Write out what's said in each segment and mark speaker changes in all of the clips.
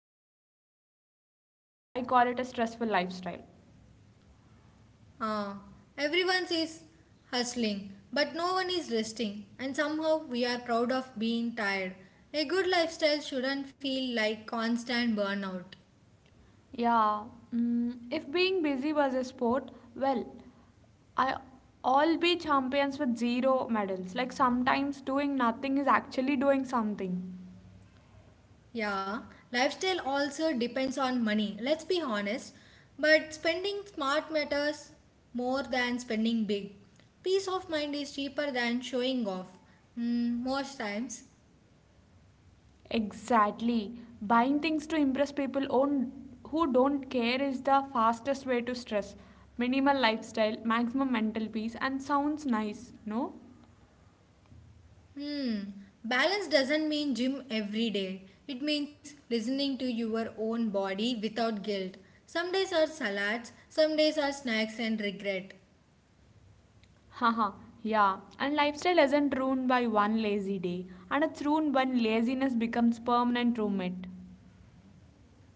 Speaker 1: manage tea before stress, I call it a stressful lifestyle.
Speaker 2: Ah, everyone is hustling, but no one is resting, and somehow we are proud of being tired. A good lifestyle shouldn't feel like constant burnout.
Speaker 1: Yeah, if being busy was a sport, well, I all be champions with zero medals. Like sometimes doing nothing is actually doing something.
Speaker 2: Yeah, lifestyle also depends on money, let's be honest. But spending smart matters more than spending big. Peace of mind is cheaper than showing off. Hmm, most times.
Speaker 1: Exactly. Buying things to impress people on, who don't care is the fastest way to stress. Minimal lifestyle, maximum mental peace, and sounds nice, no?
Speaker 2: Hmm, Balance doesn't mean gym every day. It means listening to your own body without guilt. Some days are salads, some days are snacks and regret.
Speaker 1: Haha, yeah. And lifestyle isn't ruined by one lazy day, and it's ruined when laziness becomes permanent roommate.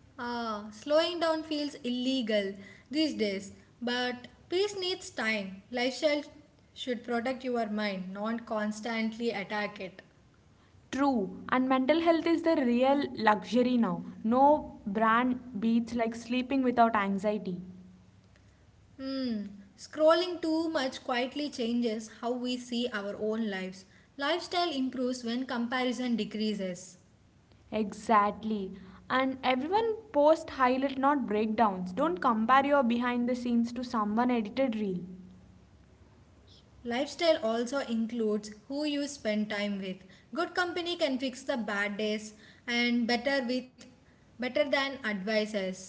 Speaker 2: Ah, slowing down feels illegal these days, but peace needs time. Lifestyle should protect your mind, not constantly attack it.
Speaker 1: True, and mental health is the real luxury now. No brand beats like sleeping without anxiety.
Speaker 2: Hmm. Scrolling too much quietly changes how we see our own lives. Lifestyle improves when comparison decreases.
Speaker 1: Exactly. And everyone post highlight not breakdowns. Don't compare your behind the scenes to someone edited reel.
Speaker 2: Lifestyle also includes who you spend time with. Good company can fix the bad days and better with better than advices.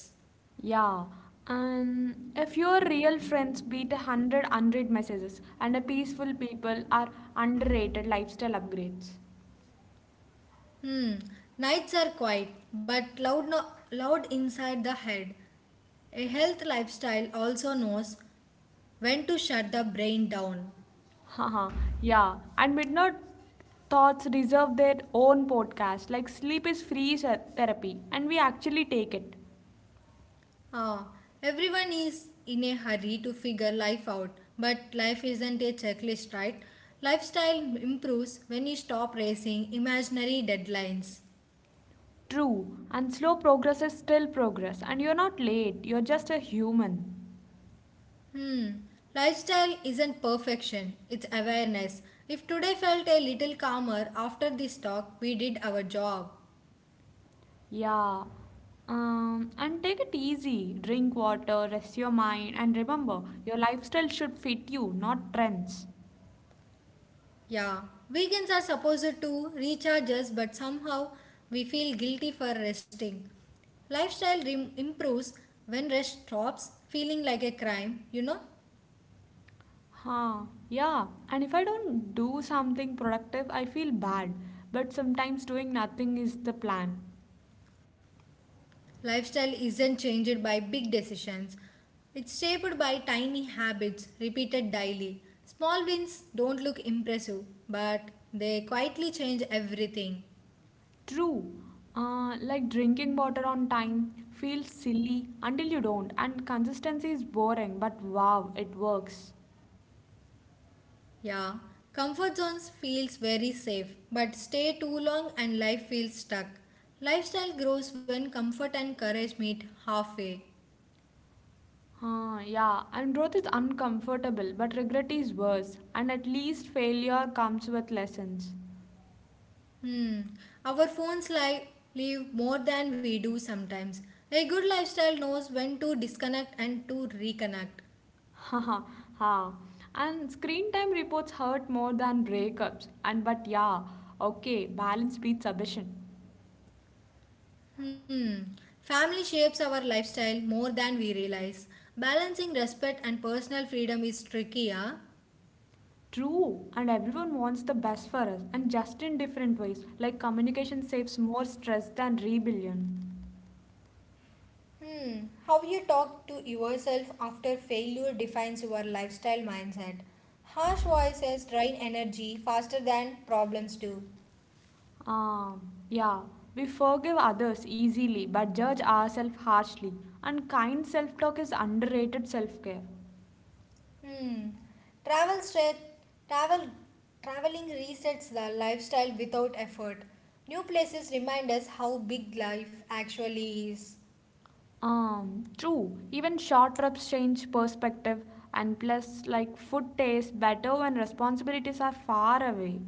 Speaker 1: Yeah, and if your real friends beat a hundred messages and a peaceful people are underrated lifestyle upgrades.
Speaker 2: Hmm. Nights are quiet, but loud, loud inside the head. A health lifestyle also knows when to shut the brain down.
Speaker 1: Haha, yeah, and midnight thoughts deserve their own podcast. Like sleep is free therapy, and we actually take it.
Speaker 2: Ah, everyone is in a hurry to figure life out, but life isn't a checklist, right? Lifestyle improves when you stop racing imaginary deadlines.
Speaker 1: True, and slow progress is still progress, and you're not late. You're just a human.
Speaker 2: Hmm. Lifestyle isn't perfection, it's awareness. If today felt a little calmer after this talk, we did our job.
Speaker 1: Yeah. And take it easy. Drink water, rest your mind, and remember, your lifestyle should fit you, not trends.
Speaker 2: Yeah, weekends are supposed to recharge us, but somehow we feel guilty for resting. Lifestyle improves when rest stops feeling like a crime, you know?
Speaker 1: Huh. Yeah. And if I don't do something productive, I feel bad. But sometimes doing nothing is the plan.
Speaker 2: Lifestyle isn't changed by big decisions, it's shaped by tiny habits repeated daily. Small wins don't look impressive, but they quietly change everything.
Speaker 1: True. Like drinking water on time feels silly until you don't, and consistency is boring, but wow, it works.
Speaker 2: Yeah, comfort zones feels very safe, but stay too long and life feels stuck. Lifestyle grows when comfort and courage meet halfway.
Speaker 1: Huh, yeah, and growth is uncomfortable, but regret is worse, and at least failure comes with lessons.
Speaker 2: Hmm, our phones live more than we do sometimes. A good lifestyle knows when to disconnect and to reconnect.
Speaker 1: Haha, ha. And screen time reports hurt more than breakups. And but yeah, okay, balance beats ambition.
Speaker 2: Hmm, Family shapes our lifestyle more than we realize. Balancing respect and personal freedom is tricky, huh?
Speaker 1: True, and everyone wants the best for us, and just in different ways, like communication saves more stress than rebellion.
Speaker 2: Hmm. How you talk to yourself after failure defines your lifestyle mindset. Harsh voices drain energy faster than problems do.
Speaker 1: Yeah, we forgive others easily but judge ourselves harshly, and kind self talk is underrated self care.
Speaker 2: Hmm. Travel stress, travel, Traveling resets the lifestyle without effort. New places remind us how big life actually is.
Speaker 1: True, even short trips change perspective, and plus, like, food tastes better when responsibilities are far away.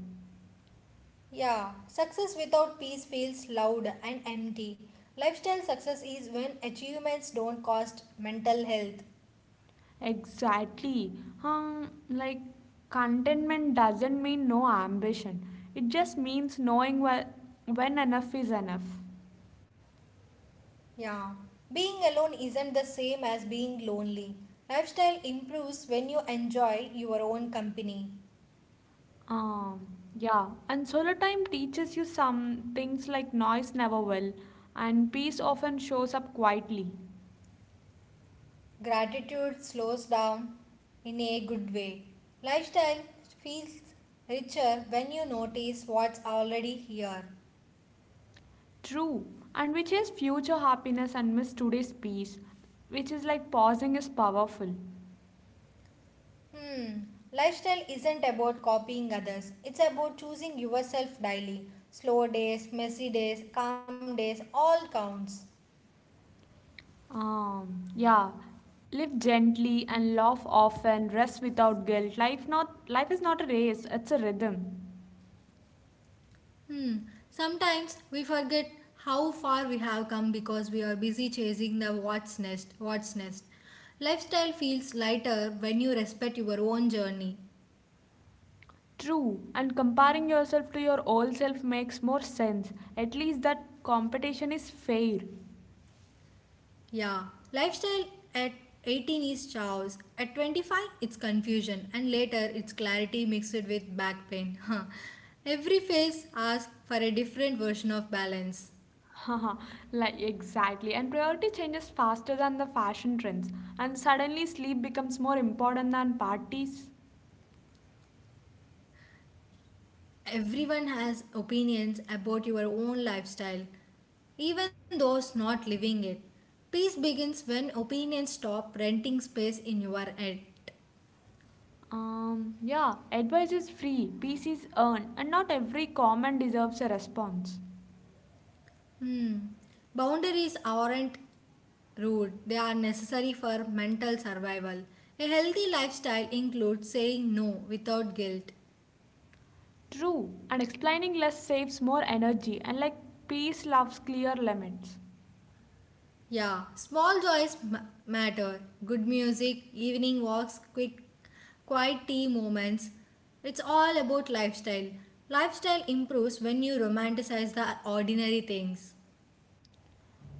Speaker 2: Yeah, success without peace feels loud and empty. Lifestyle success is when achievements don't cost mental health.
Speaker 1: Exactly. Like, contentment doesn't mean no ambition, it just means knowing when enough is enough.
Speaker 2: Yeah, being alone isn't the same as being lonely. Lifestyle improves when you enjoy your own company.
Speaker 1: Um, yeah, and solo time teaches you some things like noise never will, and peace often shows up quietly.
Speaker 2: Gratitude slows down in a good way. Lifestyle feels richer when you notice what's already here.
Speaker 1: True, and which is future happiness and miss today's peace, which is like pausing is powerful.
Speaker 2: Hmm, Lifestyle isn't about copying others, it's about choosing yourself daily. Slow days, messy days, calm days, all counts.
Speaker 1: Yeah, live gently and laugh often, rest without guilt. Life not life is not a race; it's a rhythm.
Speaker 2: Hmm. Sometimes we forget how far we have come because we are busy chasing the what's next, what's next. Lifestyle feels lighter when you respect your own journey.
Speaker 1: True, and comparing yourself to your old self makes more sense. At least that competition is fair.
Speaker 2: Yeah, lifestyle at 18 is chaos, at 25 it's confusion, and later it's clarity mixed with back pain. Every phase asks for a different version of balance.
Speaker 1: Like exactly. And priority changes faster than the fashion trends, and suddenly sleep becomes more important than parties.
Speaker 2: Everyone has opinions about your own lifestyle, even those not living it. Peace begins when opinions stop renting space in your head.
Speaker 1: Yeah, advice is free, peace is earned, and not every comment deserves a response.
Speaker 2: Boundaries aren't rude, they are necessary for mental survival. A healthy lifestyle includes saying no without guilt.
Speaker 1: True, and explaining less saves more energy, and like peace loves clear limits.
Speaker 2: Yeah, small joys matter. Good music, evening walks, quick, quiet tea moments. It's all about lifestyle. Lifestyle improves when you romanticize the ordinary things.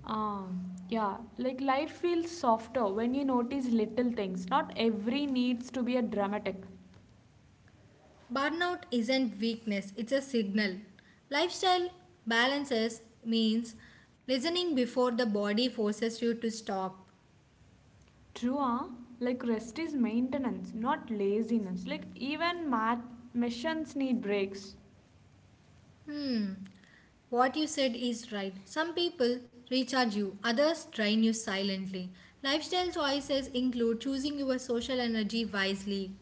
Speaker 1: Um, yeah, like life feels softer when you notice little things. Not every needs to be a dramatic.
Speaker 2: Burnout isn't weakness, it's a signal. Lifestyle balances means listening before the body forces you to stop.
Speaker 1: True, like rest is maintenance, not laziness. Like even math missions need breaks.
Speaker 2: What you said is right. Some people recharge you, others drain you silently. Lifestyle choices include choosing your social energy wisely.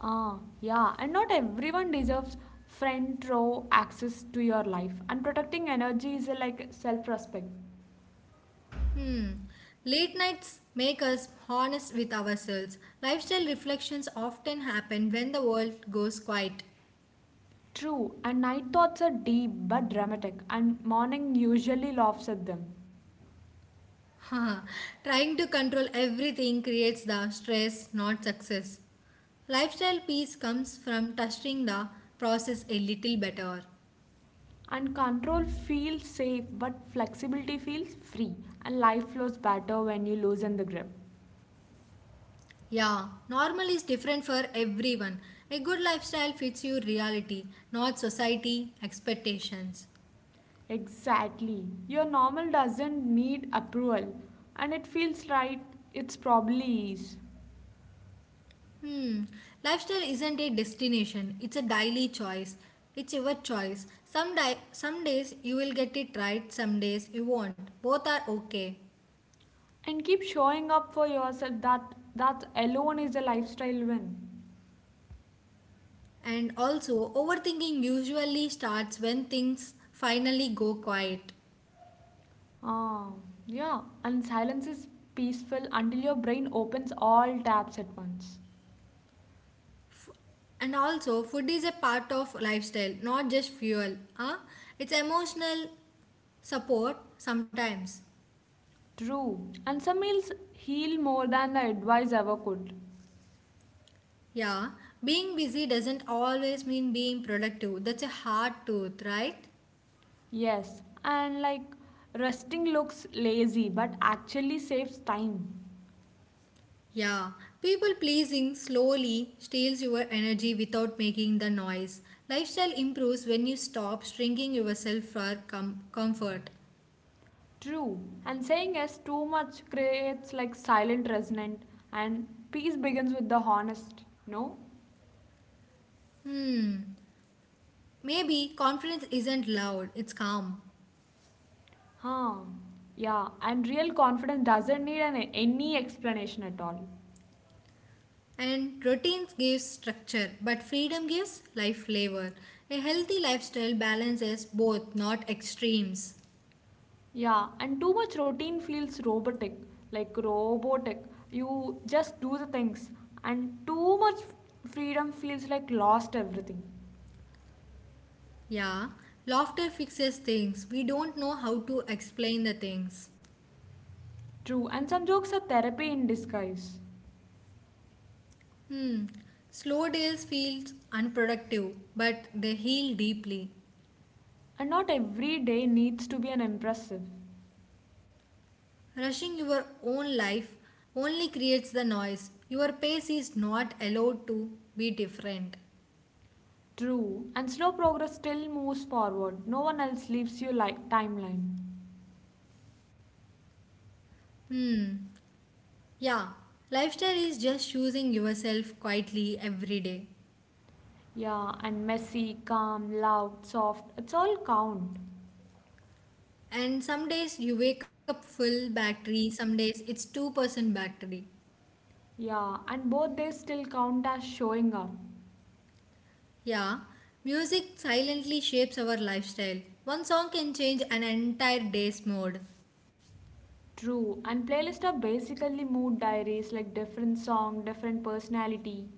Speaker 1: Yeah, and not everyone deserves front row access to your life. And protecting energy is a, like self-respect.
Speaker 2: Late nights make us honest with ourselves. Lifestyle reflections often happen when the world goes quiet.
Speaker 1: True, and night thoughts are deep but dramatic, and morning usually laughs at them.
Speaker 2: Trying to control everything creates the stress, not success. Lifestyle peace comes from trusting the process a little better.
Speaker 1: And control feels safe, but flexibility feels free, and life flows better when you loosen the grip.
Speaker 2: Yeah, normal is different for everyone. A good lifestyle fits your reality, not society expectations.
Speaker 1: Exactly. Your normal doesn't need approval and it feels right, it's probably is.
Speaker 2: Hmm, Lifestyle isn't a destination, it's a daily choice. It's your choice. Some days you will get it right, some days you won't. Both are okay.
Speaker 1: And keep showing up for yourself that that alone is a lifestyle win.
Speaker 2: And also, overthinking usually starts when things finally go quiet.
Speaker 1: Ah, yeah, and silence is peaceful until your brain opens all tabs at once.
Speaker 2: And also, food is a part of lifestyle, not just fuel. Huh? It's emotional. Support sometimes.
Speaker 1: True. And some meals heal more than the advice ever could.
Speaker 2: Yeah, being busy doesn't always mean being productive. That's a hard truth, right?
Speaker 1: Yes, and like resting looks lazy but actually saves time.
Speaker 2: Yeah, people pleasing slowly steals your energy without making the noise. Lifestyle improves when you stop shrinking yourself for comfort.
Speaker 1: True. And saying yes too much creates like silent resentment and peace begins with the honest. No?
Speaker 2: Maybe confidence isn't loud, it's calm.
Speaker 1: Huh. Yeah. And real confidence doesn't need any explanation at all.
Speaker 2: And routines gives structure, but freedom gives life flavor. A healthy lifestyle balances both, not extremes.
Speaker 1: Yeah. And too much routine feels robotic. Like robotic. You just do the things. And too much freedom feels like lost everything.
Speaker 2: Yeah, laughter fixes things. We don't know how to explain the things.
Speaker 1: True. And some jokes are therapy in disguise.
Speaker 2: Slow days feels unproductive, but they heal deeply.
Speaker 1: And not every day needs to be an impressive.
Speaker 2: Rushing your own life only creates the noise. Your pace is not allowed to be different.
Speaker 1: True. And slow progress still moves forward. No one else leaves you like timeline.
Speaker 2: Yeah, lifestyle is just choosing yourself quietly every day.
Speaker 1: Yeah, and messy, calm, loud, soft, it's all count.
Speaker 2: And some days you wake up full battery, some days it's 2% battery.
Speaker 1: Yeah, and both they still count as showing up.
Speaker 2: Yeah, music silently shapes our lifestyle. One song can change an entire day's mood.
Speaker 1: True. And playlists are basically mood diaries like different song, different personality.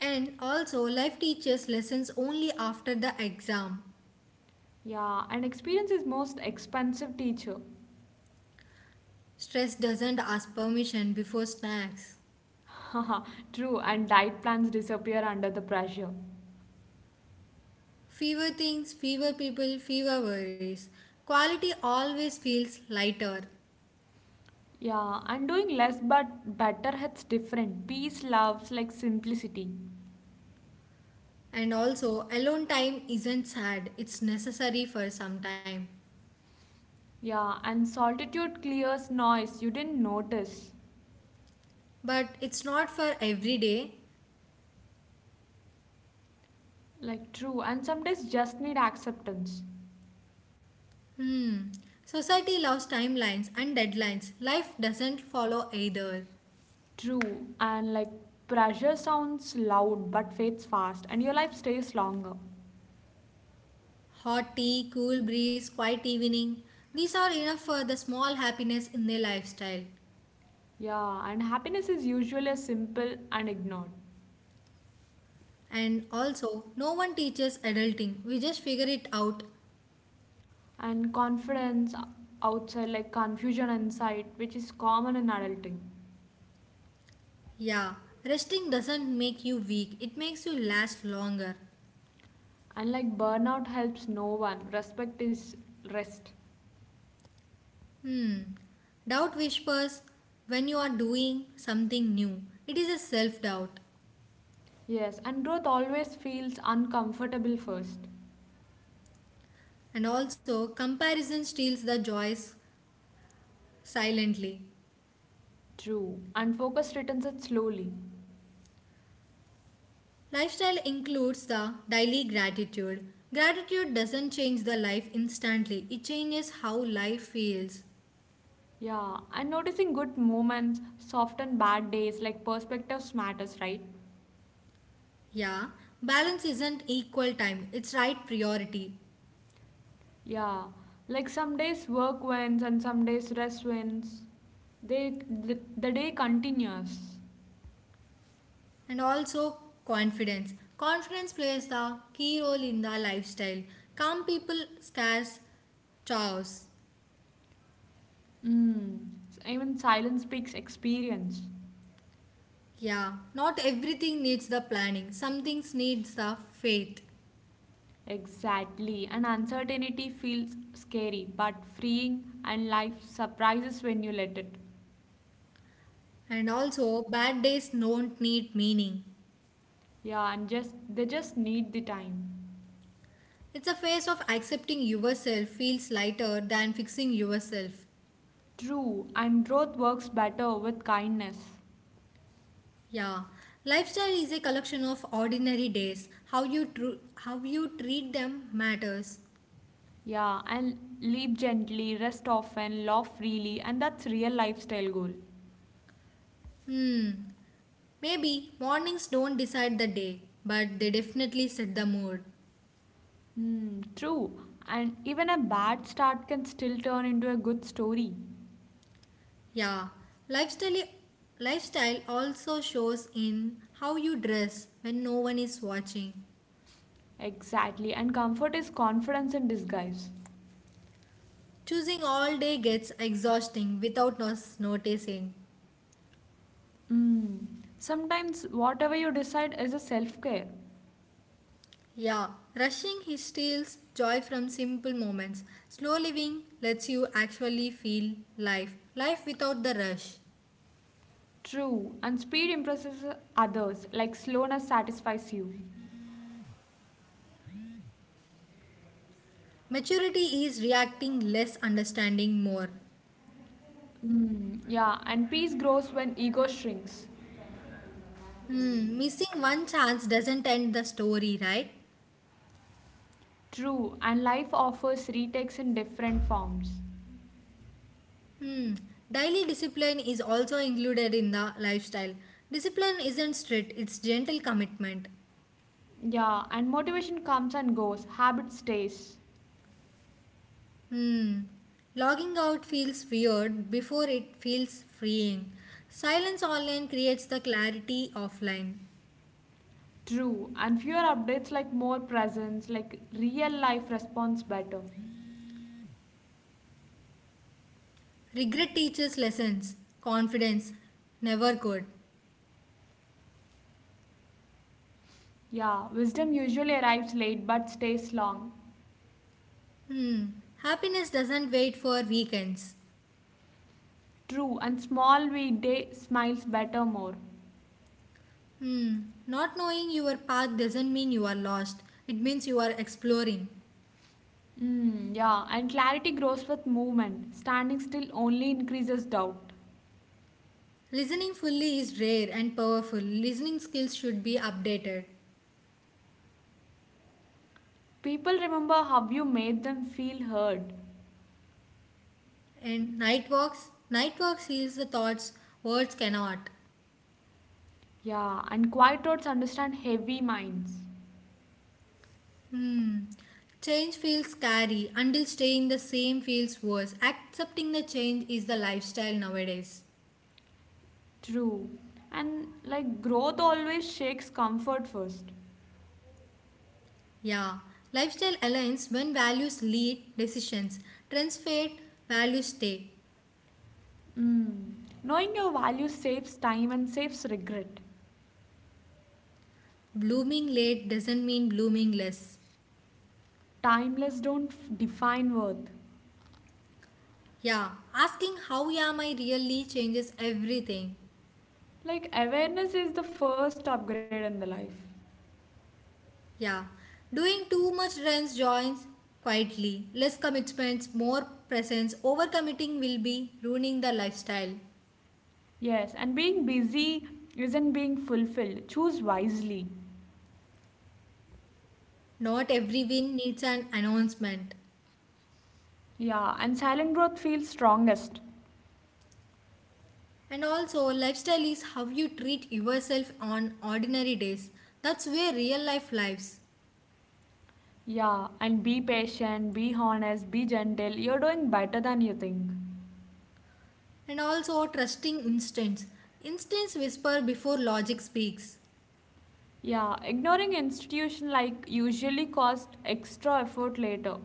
Speaker 2: And also, life teaches lessons only after the exam.
Speaker 1: Yeah, and experience is most expensive teacher.
Speaker 2: Stress doesn't ask permission before snacks.
Speaker 1: True. And diet plans disappear under the pressure.
Speaker 2: Fewer things, fewer people, fewer worries. Quality always feels lighter.
Speaker 1: Yeah, and doing less but better hits different. Peace loves like simplicity.
Speaker 2: And also, alone time isn't sad, it's necessary for some time.
Speaker 1: Yeah, and solitude clears noise you didn't notice.
Speaker 2: But it's not for every day.
Speaker 1: Like true, and some days just need acceptance.
Speaker 2: Society loves timelines and deadlines. Life doesn't follow either.
Speaker 1: True, and like pressure sounds loud but fades fast, and your life stays longer.
Speaker 2: Hot tea, cool breeze, quiet evening. These are enough for the small happiness in their lifestyle.
Speaker 1: Yeah, and happiness is usually simple and ignored.
Speaker 2: And also, no one teaches adulting. We just figure it out.
Speaker 1: And confidence outside, like confusion inside, which is common in adulting.
Speaker 2: Yeah, resting doesn't make you weak, it makes you last longer.
Speaker 1: And like burnout helps no one. Respect is rest.
Speaker 2: Doubt whispers when you are doing something new. It is a self doubt.
Speaker 1: Yes, and growth always feels uncomfortable first.
Speaker 2: And also, comparison steals the joys silently.
Speaker 1: True. And focus returns it slowly.
Speaker 2: Lifestyle includes the daily gratitude. Gratitude doesn't change the life instantly, it changes how life feels.
Speaker 1: Yeah, and noticing good moments, soft and bad days, like perspectives matters, right?
Speaker 2: Yeah, balance isn't equal time, it's right priority.
Speaker 1: Yeah, like some days work wins and some days rest wins. The day continues.
Speaker 2: And also confidence. Confidence plays the key role in the lifestyle. Calm people scarce Chaos.
Speaker 1: Mm. Even silence speaks experience.
Speaker 2: Yeah, not everything needs the planning. Some things needs the faith.
Speaker 1: Exactly, and uncertainty feels scary but freeing, and life surprises when you let it.
Speaker 2: And also bad days don't need meaning.
Speaker 1: Yeah, and just they just need the time.
Speaker 2: It's a phase of accepting yourself feels lighter than fixing yourself.
Speaker 1: True, and growth works better with kindness.
Speaker 2: Yeah. Lifestyle is a collection of ordinary days. How you treat them matters.
Speaker 1: Yeah, and leap gently, rest often, laugh freely, and that's real lifestyle goal.
Speaker 2: Maybe mornings don't decide the day, but they definitely set the mood.
Speaker 1: Hmm, true, and even a bad start can still turn into a good story.
Speaker 2: Yeah. Lifestyle lifestyle also shows in how you dress when no one is watching.
Speaker 1: Exactly, and comfort is confidence in disguise.
Speaker 2: Choosing all day gets exhausting without us noticing.
Speaker 1: Hmm. Sometimes whatever you decide is a self care.
Speaker 2: Yeah, rushing he steals joy from simple moments. Slow living lets you actually feel life, life without the rush.
Speaker 1: True, and speed impresses others, like slowness satisfies you.
Speaker 2: Maturity is reacting less, understanding more.
Speaker 1: Hmm. Yeah, and peace grows when ego shrinks.
Speaker 2: Missing one chance doesn't end the story, right?
Speaker 1: True, and life offers retakes in different forms.
Speaker 2: Hmm, Daily discipline is also included in the lifestyle. Discipline isn't strict, it's gentle commitment.
Speaker 1: Yeah, and motivation comes and goes, habit stays.
Speaker 2: Hmm, Logging out feels weird before it feels freeing. Silence online creates the clarity offline.
Speaker 1: True, and fewer updates like more presence, like real life responds better.
Speaker 2: Regret teaches lessons, confidence never could.
Speaker 1: Yeah, wisdom usually arrives late but stays long.
Speaker 2: Hmm. Happiness doesn't wait for weekends.
Speaker 1: True, and small weekday smiles better more.
Speaker 2: Hmm. Not knowing your path doesn't mean you are lost, it means you are exploring.
Speaker 1: Mm, yeah, and clarity grows with movement. Standing still only increases doubt.
Speaker 2: Listening fully is rare and powerful. Listening skills should be updated.
Speaker 1: People remember how you made them feel heard.
Speaker 2: And night walks heals the thoughts words cannot.
Speaker 1: Yeah, and quiet roads understand heavy minds.
Speaker 2: Change feels scary until staying the same feels worse. Accepting the change is the lifestyle nowadays.
Speaker 1: True. And like growth always shakes comfort first.
Speaker 2: Yeah, lifestyle aligns when values lead decisions. Trends fade, values stay.
Speaker 1: Knowing your value saves time and saves regret.
Speaker 2: Blooming late doesn't mean blooming less.
Speaker 1: Timeless don't define worth.
Speaker 2: Yeah, asking how am I really changes everything.
Speaker 1: Like awareness is the first upgrade in the life.
Speaker 2: Yeah, doing too much trends joins quietly. Less commitments, more presence. Overcommitting will be ruining the lifestyle.
Speaker 1: Yes, and being busy isn't being fulfilled. Choose wisely.
Speaker 2: Not every win needs an announcement.
Speaker 1: Yeah, and silent growth feels strongest.
Speaker 2: And also, lifestyle is how you treat yourself on ordinary days. That's where real life lives.
Speaker 1: Yeah, and be patient, be honest, be gentle. You're doing better than you think.
Speaker 2: And also, trusting instincts. Instincts whisper before logic speaks.
Speaker 1: Yeah, ignoring institution like usually cost extra effort later.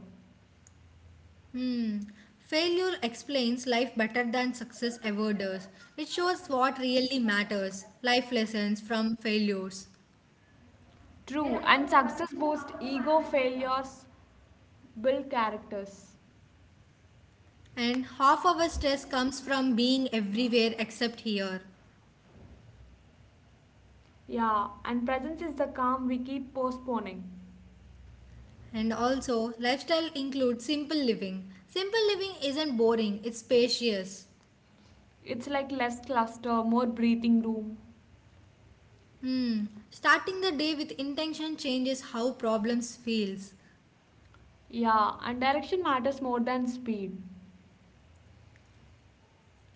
Speaker 2: Hmm. Failure explains life better than success ever does. It shows what really matters, life lessons from failures.
Speaker 1: True, and success boosts ego, failures build characters.
Speaker 2: And half our stress comes from being everywhere except here.
Speaker 1: Yeah, and presence is the calm we keep postponing.
Speaker 2: And also, lifestyle includes simple living. Simple living isn't boring, it's spacious.
Speaker 1: It's like less cluster, more breathing room.
Speaker 2: Starting the day with intention changes how problems feels
Speaker 1: Yeah, and direction matters more than speed.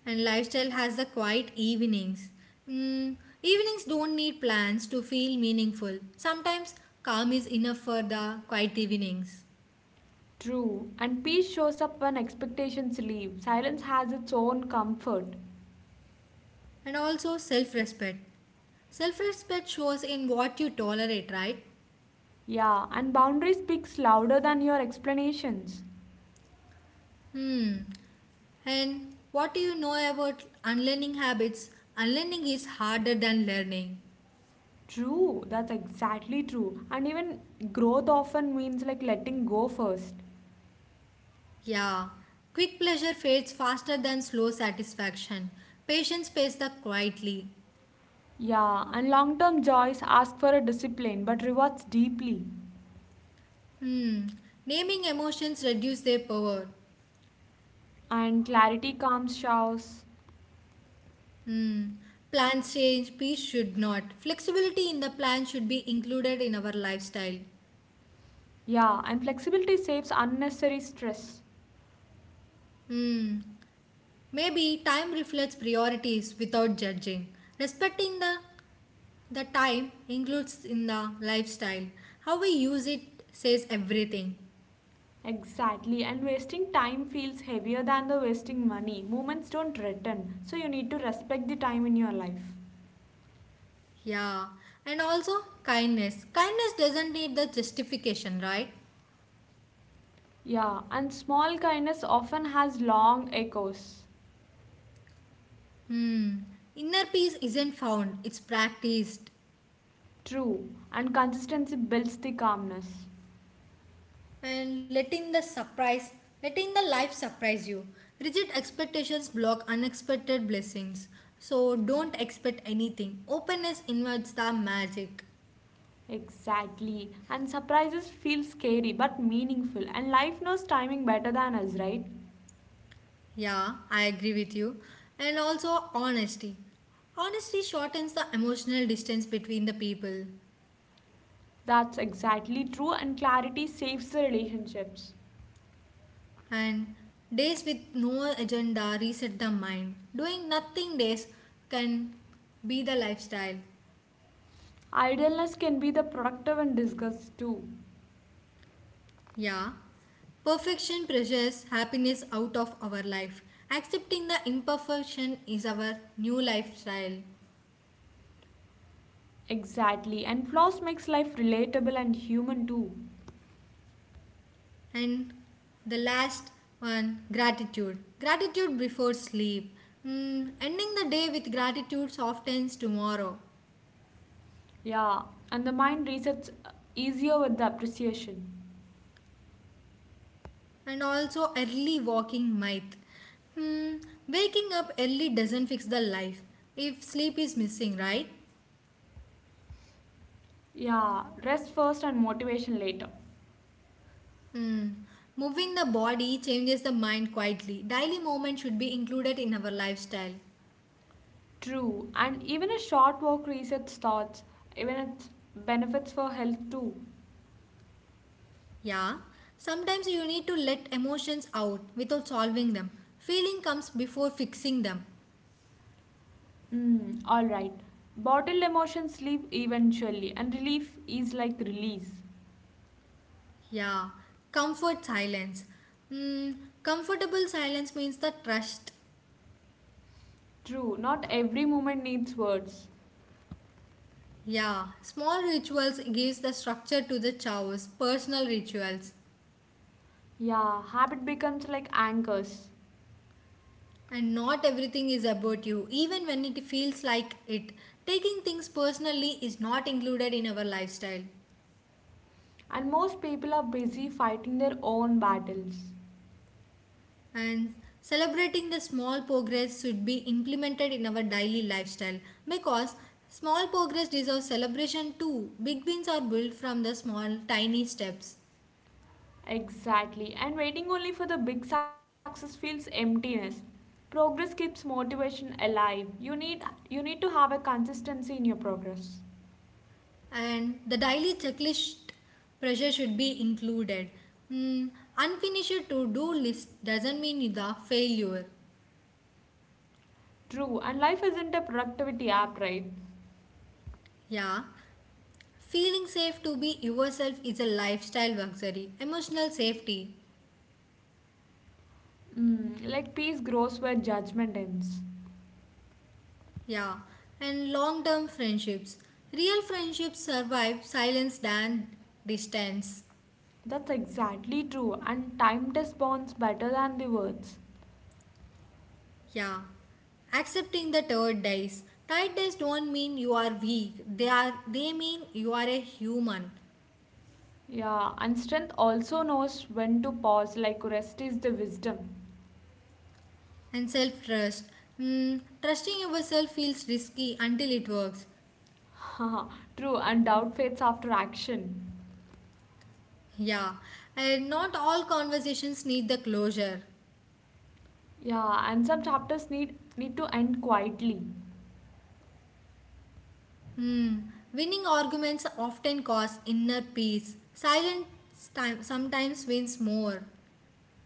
Speaker 2: and lifestyle has the quiet evenings. Mm, Evenings don't need plans to feel meaningful. Sometimes calm is enough for the quiet evenings.
Speaker 1: True. And peace shows up when expectations leave. Silence has its own comfort.
Speaker 2: And also self-respect. Self-respect shows in what you tolerate, right?
Speaker 1: Yeah, and boundary speaks louder than your explanations.
Speaker 2: And what do you know about unlearning habits? Unlearning is harder than learning.
Speaker 1: True, that's exactly true. And even growth often means like letting go first.
Speaker 2: Yeah, quick pleasure fades faster than slow satisfaction. Patients pace the quietly.
Speaker 1: Yeah, and long term joys ask for a discipline but rewards deeply.
Speaker 2: Hmm. Naming emotions reduce their power.
Speaker 1: And clarity calms shouts.
Speaker 2: Plans change, peace should not. Flexibility in the plan should be included in our lifestyle.
Speaker 1: Yeah, and flexibility saves unnecessary stress.
Speaker 2: Hmm. Maybe time reflects priorities without judging. Respecting the time includes in the lifestyle. How we use it says everything.
Speaker 1: Exactly, and wasting time feels heavier than the wasting money. Moments don't return, so you need to respect the time in your life.
Speaker 2: Yeah, and also kindness. Kindness doesn't need the justification, right?
Speaker 1: Yeah, and small kindness often has long echoes.
Speaker 2: Inner peace isn't found, it's practiced.
Speaker 1: True, and consistency builds the calmness.
Speaker 2: And letting the surprise, letting the life surprise you. Rigid expectations block unexpected blessings. So don't expect anything. Openness invites the magic.
Speaker 1: Exactly, and surprises feel scary but meaningful, and life knows timing better than us, right?
Speaker 2: Yeah, I agree with you. And also honesty. Honesty shortens the emotional distance between the people.
Speaker 1: That's exactly true, and clarity saves the relationships.
Speaker 2: And days with no agenda reset the mind. Doing nothing days can be the lifestyle.
Speaker 1: Idleness can be the productive in disgust too.
Speaker 2: Yeah. Perfection pressures happiness out of our life. Accepting the imperfection is our new lifestyle.
Speaker 1: Exactly. And flaws makes life relatable and human too.
Speaker 2: And the last one, gratitude. Gratitude before sleep. Ending the day with gratitude softens tomorrow.
Speaker 1: Yeah. And the mind resets easier with the appreciation.
Speaker 2: And also early walking might. Hmm, waking up early doesn't fix the life if sleep is missing, right?
Speaker 1: Yeah. Rest first and motivation later.
Speaker 2: Hmm. Moving the body changes the mind quietly. Daily movement should be included in our lifestyle.
Speaker 1: True. And even a short walk resets thoughts. Even its benefits for health too.
Speaker 2: Yeah, sometimes you need to let emotions out without solving them. Feeling comes before fixing them.
Speaker 1: Mm, all right. Bottled emotions leave eventually, and relief is like release.
Speaker 2: Yeah, comfort silence. Hmm, comfortable silence means the trust.
Speaker 1: True. Not every moment needs words.
Speaker 2: Yeah, small rituals gives the structure to the chaos, personal rituals.
Speaker 1: Yeah. Habit becomes like anchors.
Speaker 2: And not everything is about you, even when it feels like it. Taking things personally is not included in our lifestyle.
Speaker 1: And most people are busy fighting their own battles.
Speaker 2: And celebrating the small progress should be implemented in our daily lifestyle because small progress deserves celebration too. Big wins are built from the small, tiny steps.
Speaker 1: Exactly. And waiting only for the big success feels emptiness. Progress keeps motivation alive. You need to have a consistency in your progress.
Speaker 2: And the daily checklist pressure should be included. Mm, unfinished to do list doesn't mean it's a failure.
Speaker 1: True. And life isn't a productivity app, right?
Speaker 2: Yeah. Feeling safe to be yourself is a lifestyle luxury, emotional safety.
Speaker 1: Mm, like peace grows where judgment ends.
Speaker 2: Yeah. And long term friendships. Real friendships survive silence than distance.
Speaker 1: That's exactly true. And time test bonds better than the words.
Speaker 2: Yeah. Accepting the tired days. Tired days don't mean you are weak. They mean you are a human.
Speaker 1: Yeah, and strength also knows when to pause, like rest is the wisdom.
Speaker 2: And self trust. Trusting yourself feels risky until it works.
Speaker 1: True, and doubt fades after action.
Speaker 2: Yeah, and not all conversations need the closure.
Speaker 1: Yeah, and some chapters need to end quietly.
Speaker 2: Hmm. Winning arguments often cause inner peace. Silence time sometimes wins more.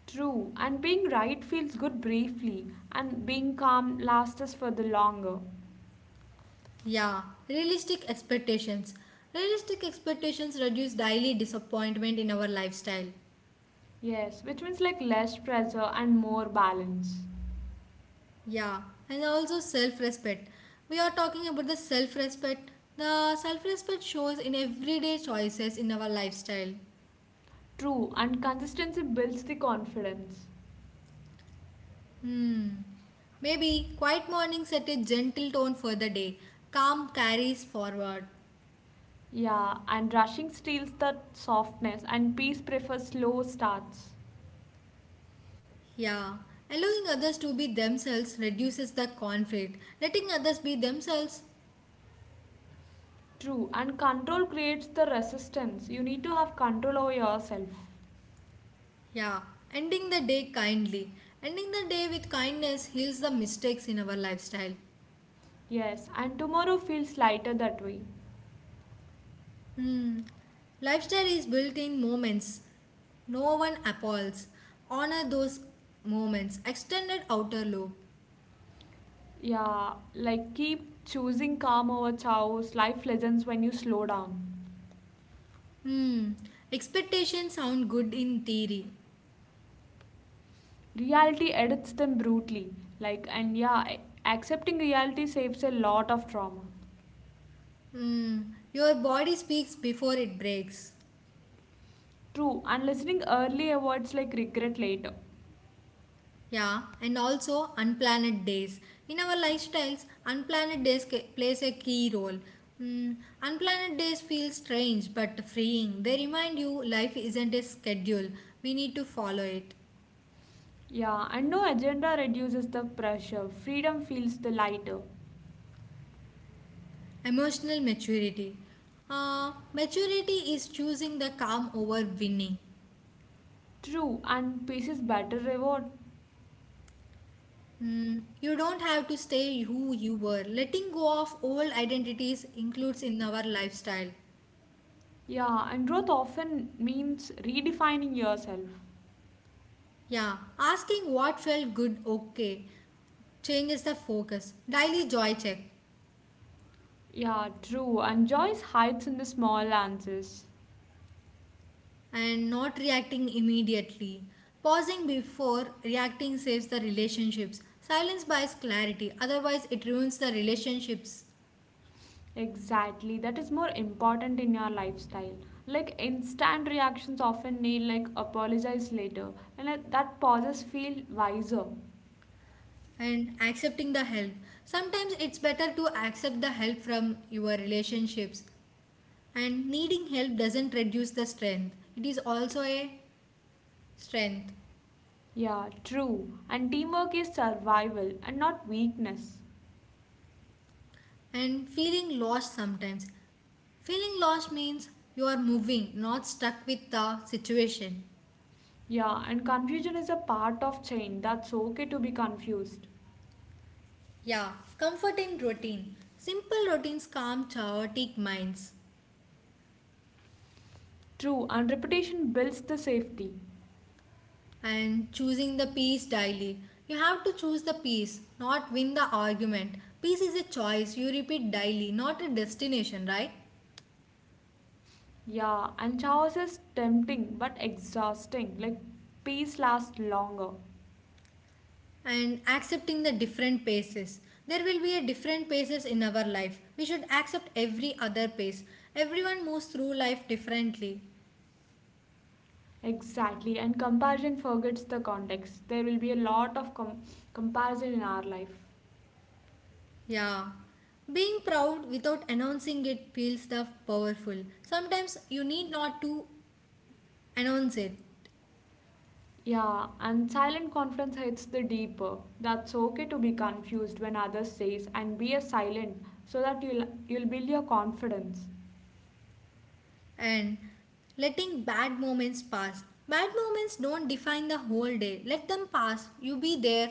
Speaker 1: True, and being right feels good briefly, and being calm lasts us for the longer.
Speaker 2: Yeah, realistic expectations. Realistic expectations reduce daily disappointment in our lifestyle.
Speaker 1: Yes, which means like less pressure and more balance.
Speaker 2: Yeah, and also self respect. We are talking about the self respect. The self respect shows in everyday choices in our lifestyle.
Speaker 1: True, and consistency builds the confidence.
Speaker 2: Maybe quiet morning set a gentle tone for the day. Calm carries forward.
Speaker 1: Yeah, and rushing steals the softness, and peace prefers slow starts.
Speaker 2: Yeah, allowing others to be themselves reduces the conflict. Letting others be themselves.
Speaker 1: True, and control creates the resistance. You need to have control over yourself.
Speaker 2: Yeah, ending the day kindly. Ending the day with kindness heals the mistakes in our lifestyle.
Speaker 1: Yes, and tomorrow feels lighter that way.
Speaker 2: Hmm. Lifestyle is built in moments. No one appalls. Honor those moments. Extended outer loop.
Speaker 1: Yeah, like keep choosing calm over chaos, life lessons when you slow down.
Speaker 2: Hmm. Expectations sound good in theory.
Speaker 1: Reality edits them brutally, like, and yeah, accepting reality saves a lot of trauma.
Speaker 2: Hmm. Your body speaks before it breaks.
Speaker 1: True, and listening early avoids like regret later.
Speaker 2: Yeah, and also unplanned days. In our lifestyles, unplanned days plays a key role. Hmm. Unplanned days feel strange but freeing. They remind you life isn't a schedule. We need to follow it.
Speaker 1: Yeah, and no agenda reduces the pressure, freedom feels the lighter.
Speaker 2: Emotional maturity. Maturity is choosing the calm over winning.
Speaker 1: True, and peace is better reward.
Speaker 2: You don't have to stay who you were. Letting go of old identities includes in our lifestyle.
Speaker 1: Yeah, and growth often means redefining yourself.
Speaker 2: Yeah, asking what felt good okay changes the focus. Daily joy check.
Speaker 1: Yeah, true. And joy hides in the small answers.
Speaker 2: And not reacting immediately. Pausing before reacting saves the relationships. Silence buys clarity, otherwise, it ruins the relationships.
Speaker 1: Exactly. That is more important in your lifestyle. Like instant reactions often need like apologize later, and like, that pauses feel wiser.
Speaker 2: And accepting the help. Sometimes it's better to accept the help from your relationships. And needing help doesn't reduce the strength, it is also a strength.
Speaker 1: Yeah, true. And teamwork is survival and not weakness.
Speaker 2: And feeling lost sometimes. Feeling lost means you are moving, not stuck with the situation.
Speaker 1: Yeah, and confusion is a part of change. That's okay to be confused.
Speaker 2: Yeah, comfort in routine. Simple routines calm chaotic minds.
Speaker 1: True, and repetition builds the safety.
Speaker 2: And choosing the peace daily. You have to choose the peace, not win the argument. Peace is a choice you repeat daily, not a destination, right?
Speaker 1: Yeah, and chaos is tempting but exhausting. Like peace lasts longer.
Speaker 2: And accepting the different paces. There will be a different paces in our life. We should accept every other pace. Everyone moves through life differently.
Speaker 1: Exactly, and comparison forgets the context. There will be a lot of comparison in our life.
Speaker 2: Yeah. Being proud without announcing it feels the powerful. Sometimes you need not to announce it.
Speaker 1: Yeah, and silent confidence hits the deeper. That's okay to be confused when others says and be a silent so that you'll build your confidence.
Speaker 2: And letting bad moments pass. Bad moments don't define the whole day. Let them pass. You be there.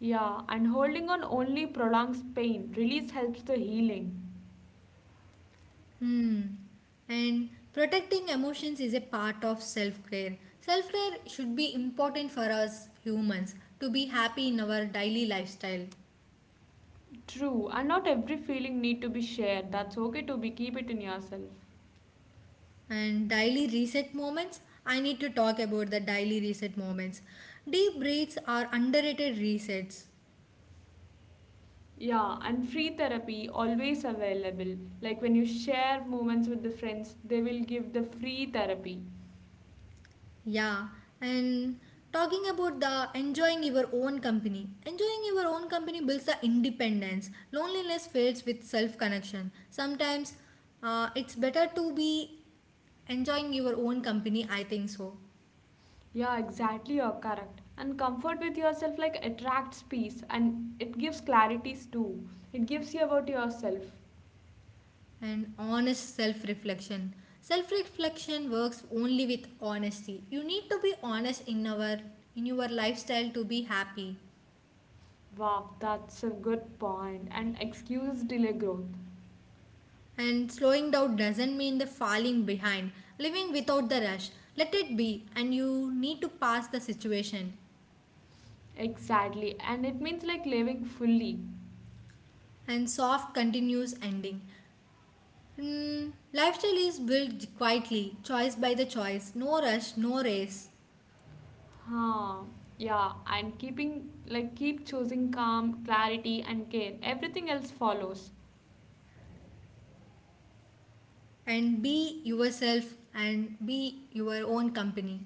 Speaker 1: Yeah, and holding on only prolongs pain. Release helps the healing.
Speaker 2: And protecting emotions is a part of self care. Self care should be important for us humans to be happy in our daily lifestyle.
Speaker 1: True, and not every feeling need to be shared. That's okay to be keep it in yourself.
Speaker 2: And daily reset moments, I need to talk about the daily reset moments. Deep breaths are underrated resets.
Speaker 1: Yeah, and free therapy always available. Like when you share moments with the friends, they will give the free therapy.
Speaker 2: Yeah, and talking about the enjoying your own company. Enjoying your own company builds the independence. Loneliness fades with self connection. Sometimes it's better to be enjoying your own company, I think so.
Speaker 1: Yeah, exactly, you're correct. And comfort with yourself like attracts peace and it gives clarities too. It gives you about yourself.
Speaker 2: And honest self reflection. Self reflection works only with honesty. You need to be honest in your lifestyle to be happy.
Speaker 1: Wow, that's a good point. And excuses delay growth.
Speaker 2: And slowing down doesn't mean the falling behind, living without the rush. Let it be, and you need to pass the situation.
Speaker 1: Exactly, and it means like living fully.
Speaker 2: And soft, continuous ending. Lifestyle is built quietly, choice by the choice, no rush, no race.
Speaker 1: Huh. Yeah, and keeping like keep choosing calm, clarity, and care. Everything else follows.
Speaker 2: And be yourself and be your own company.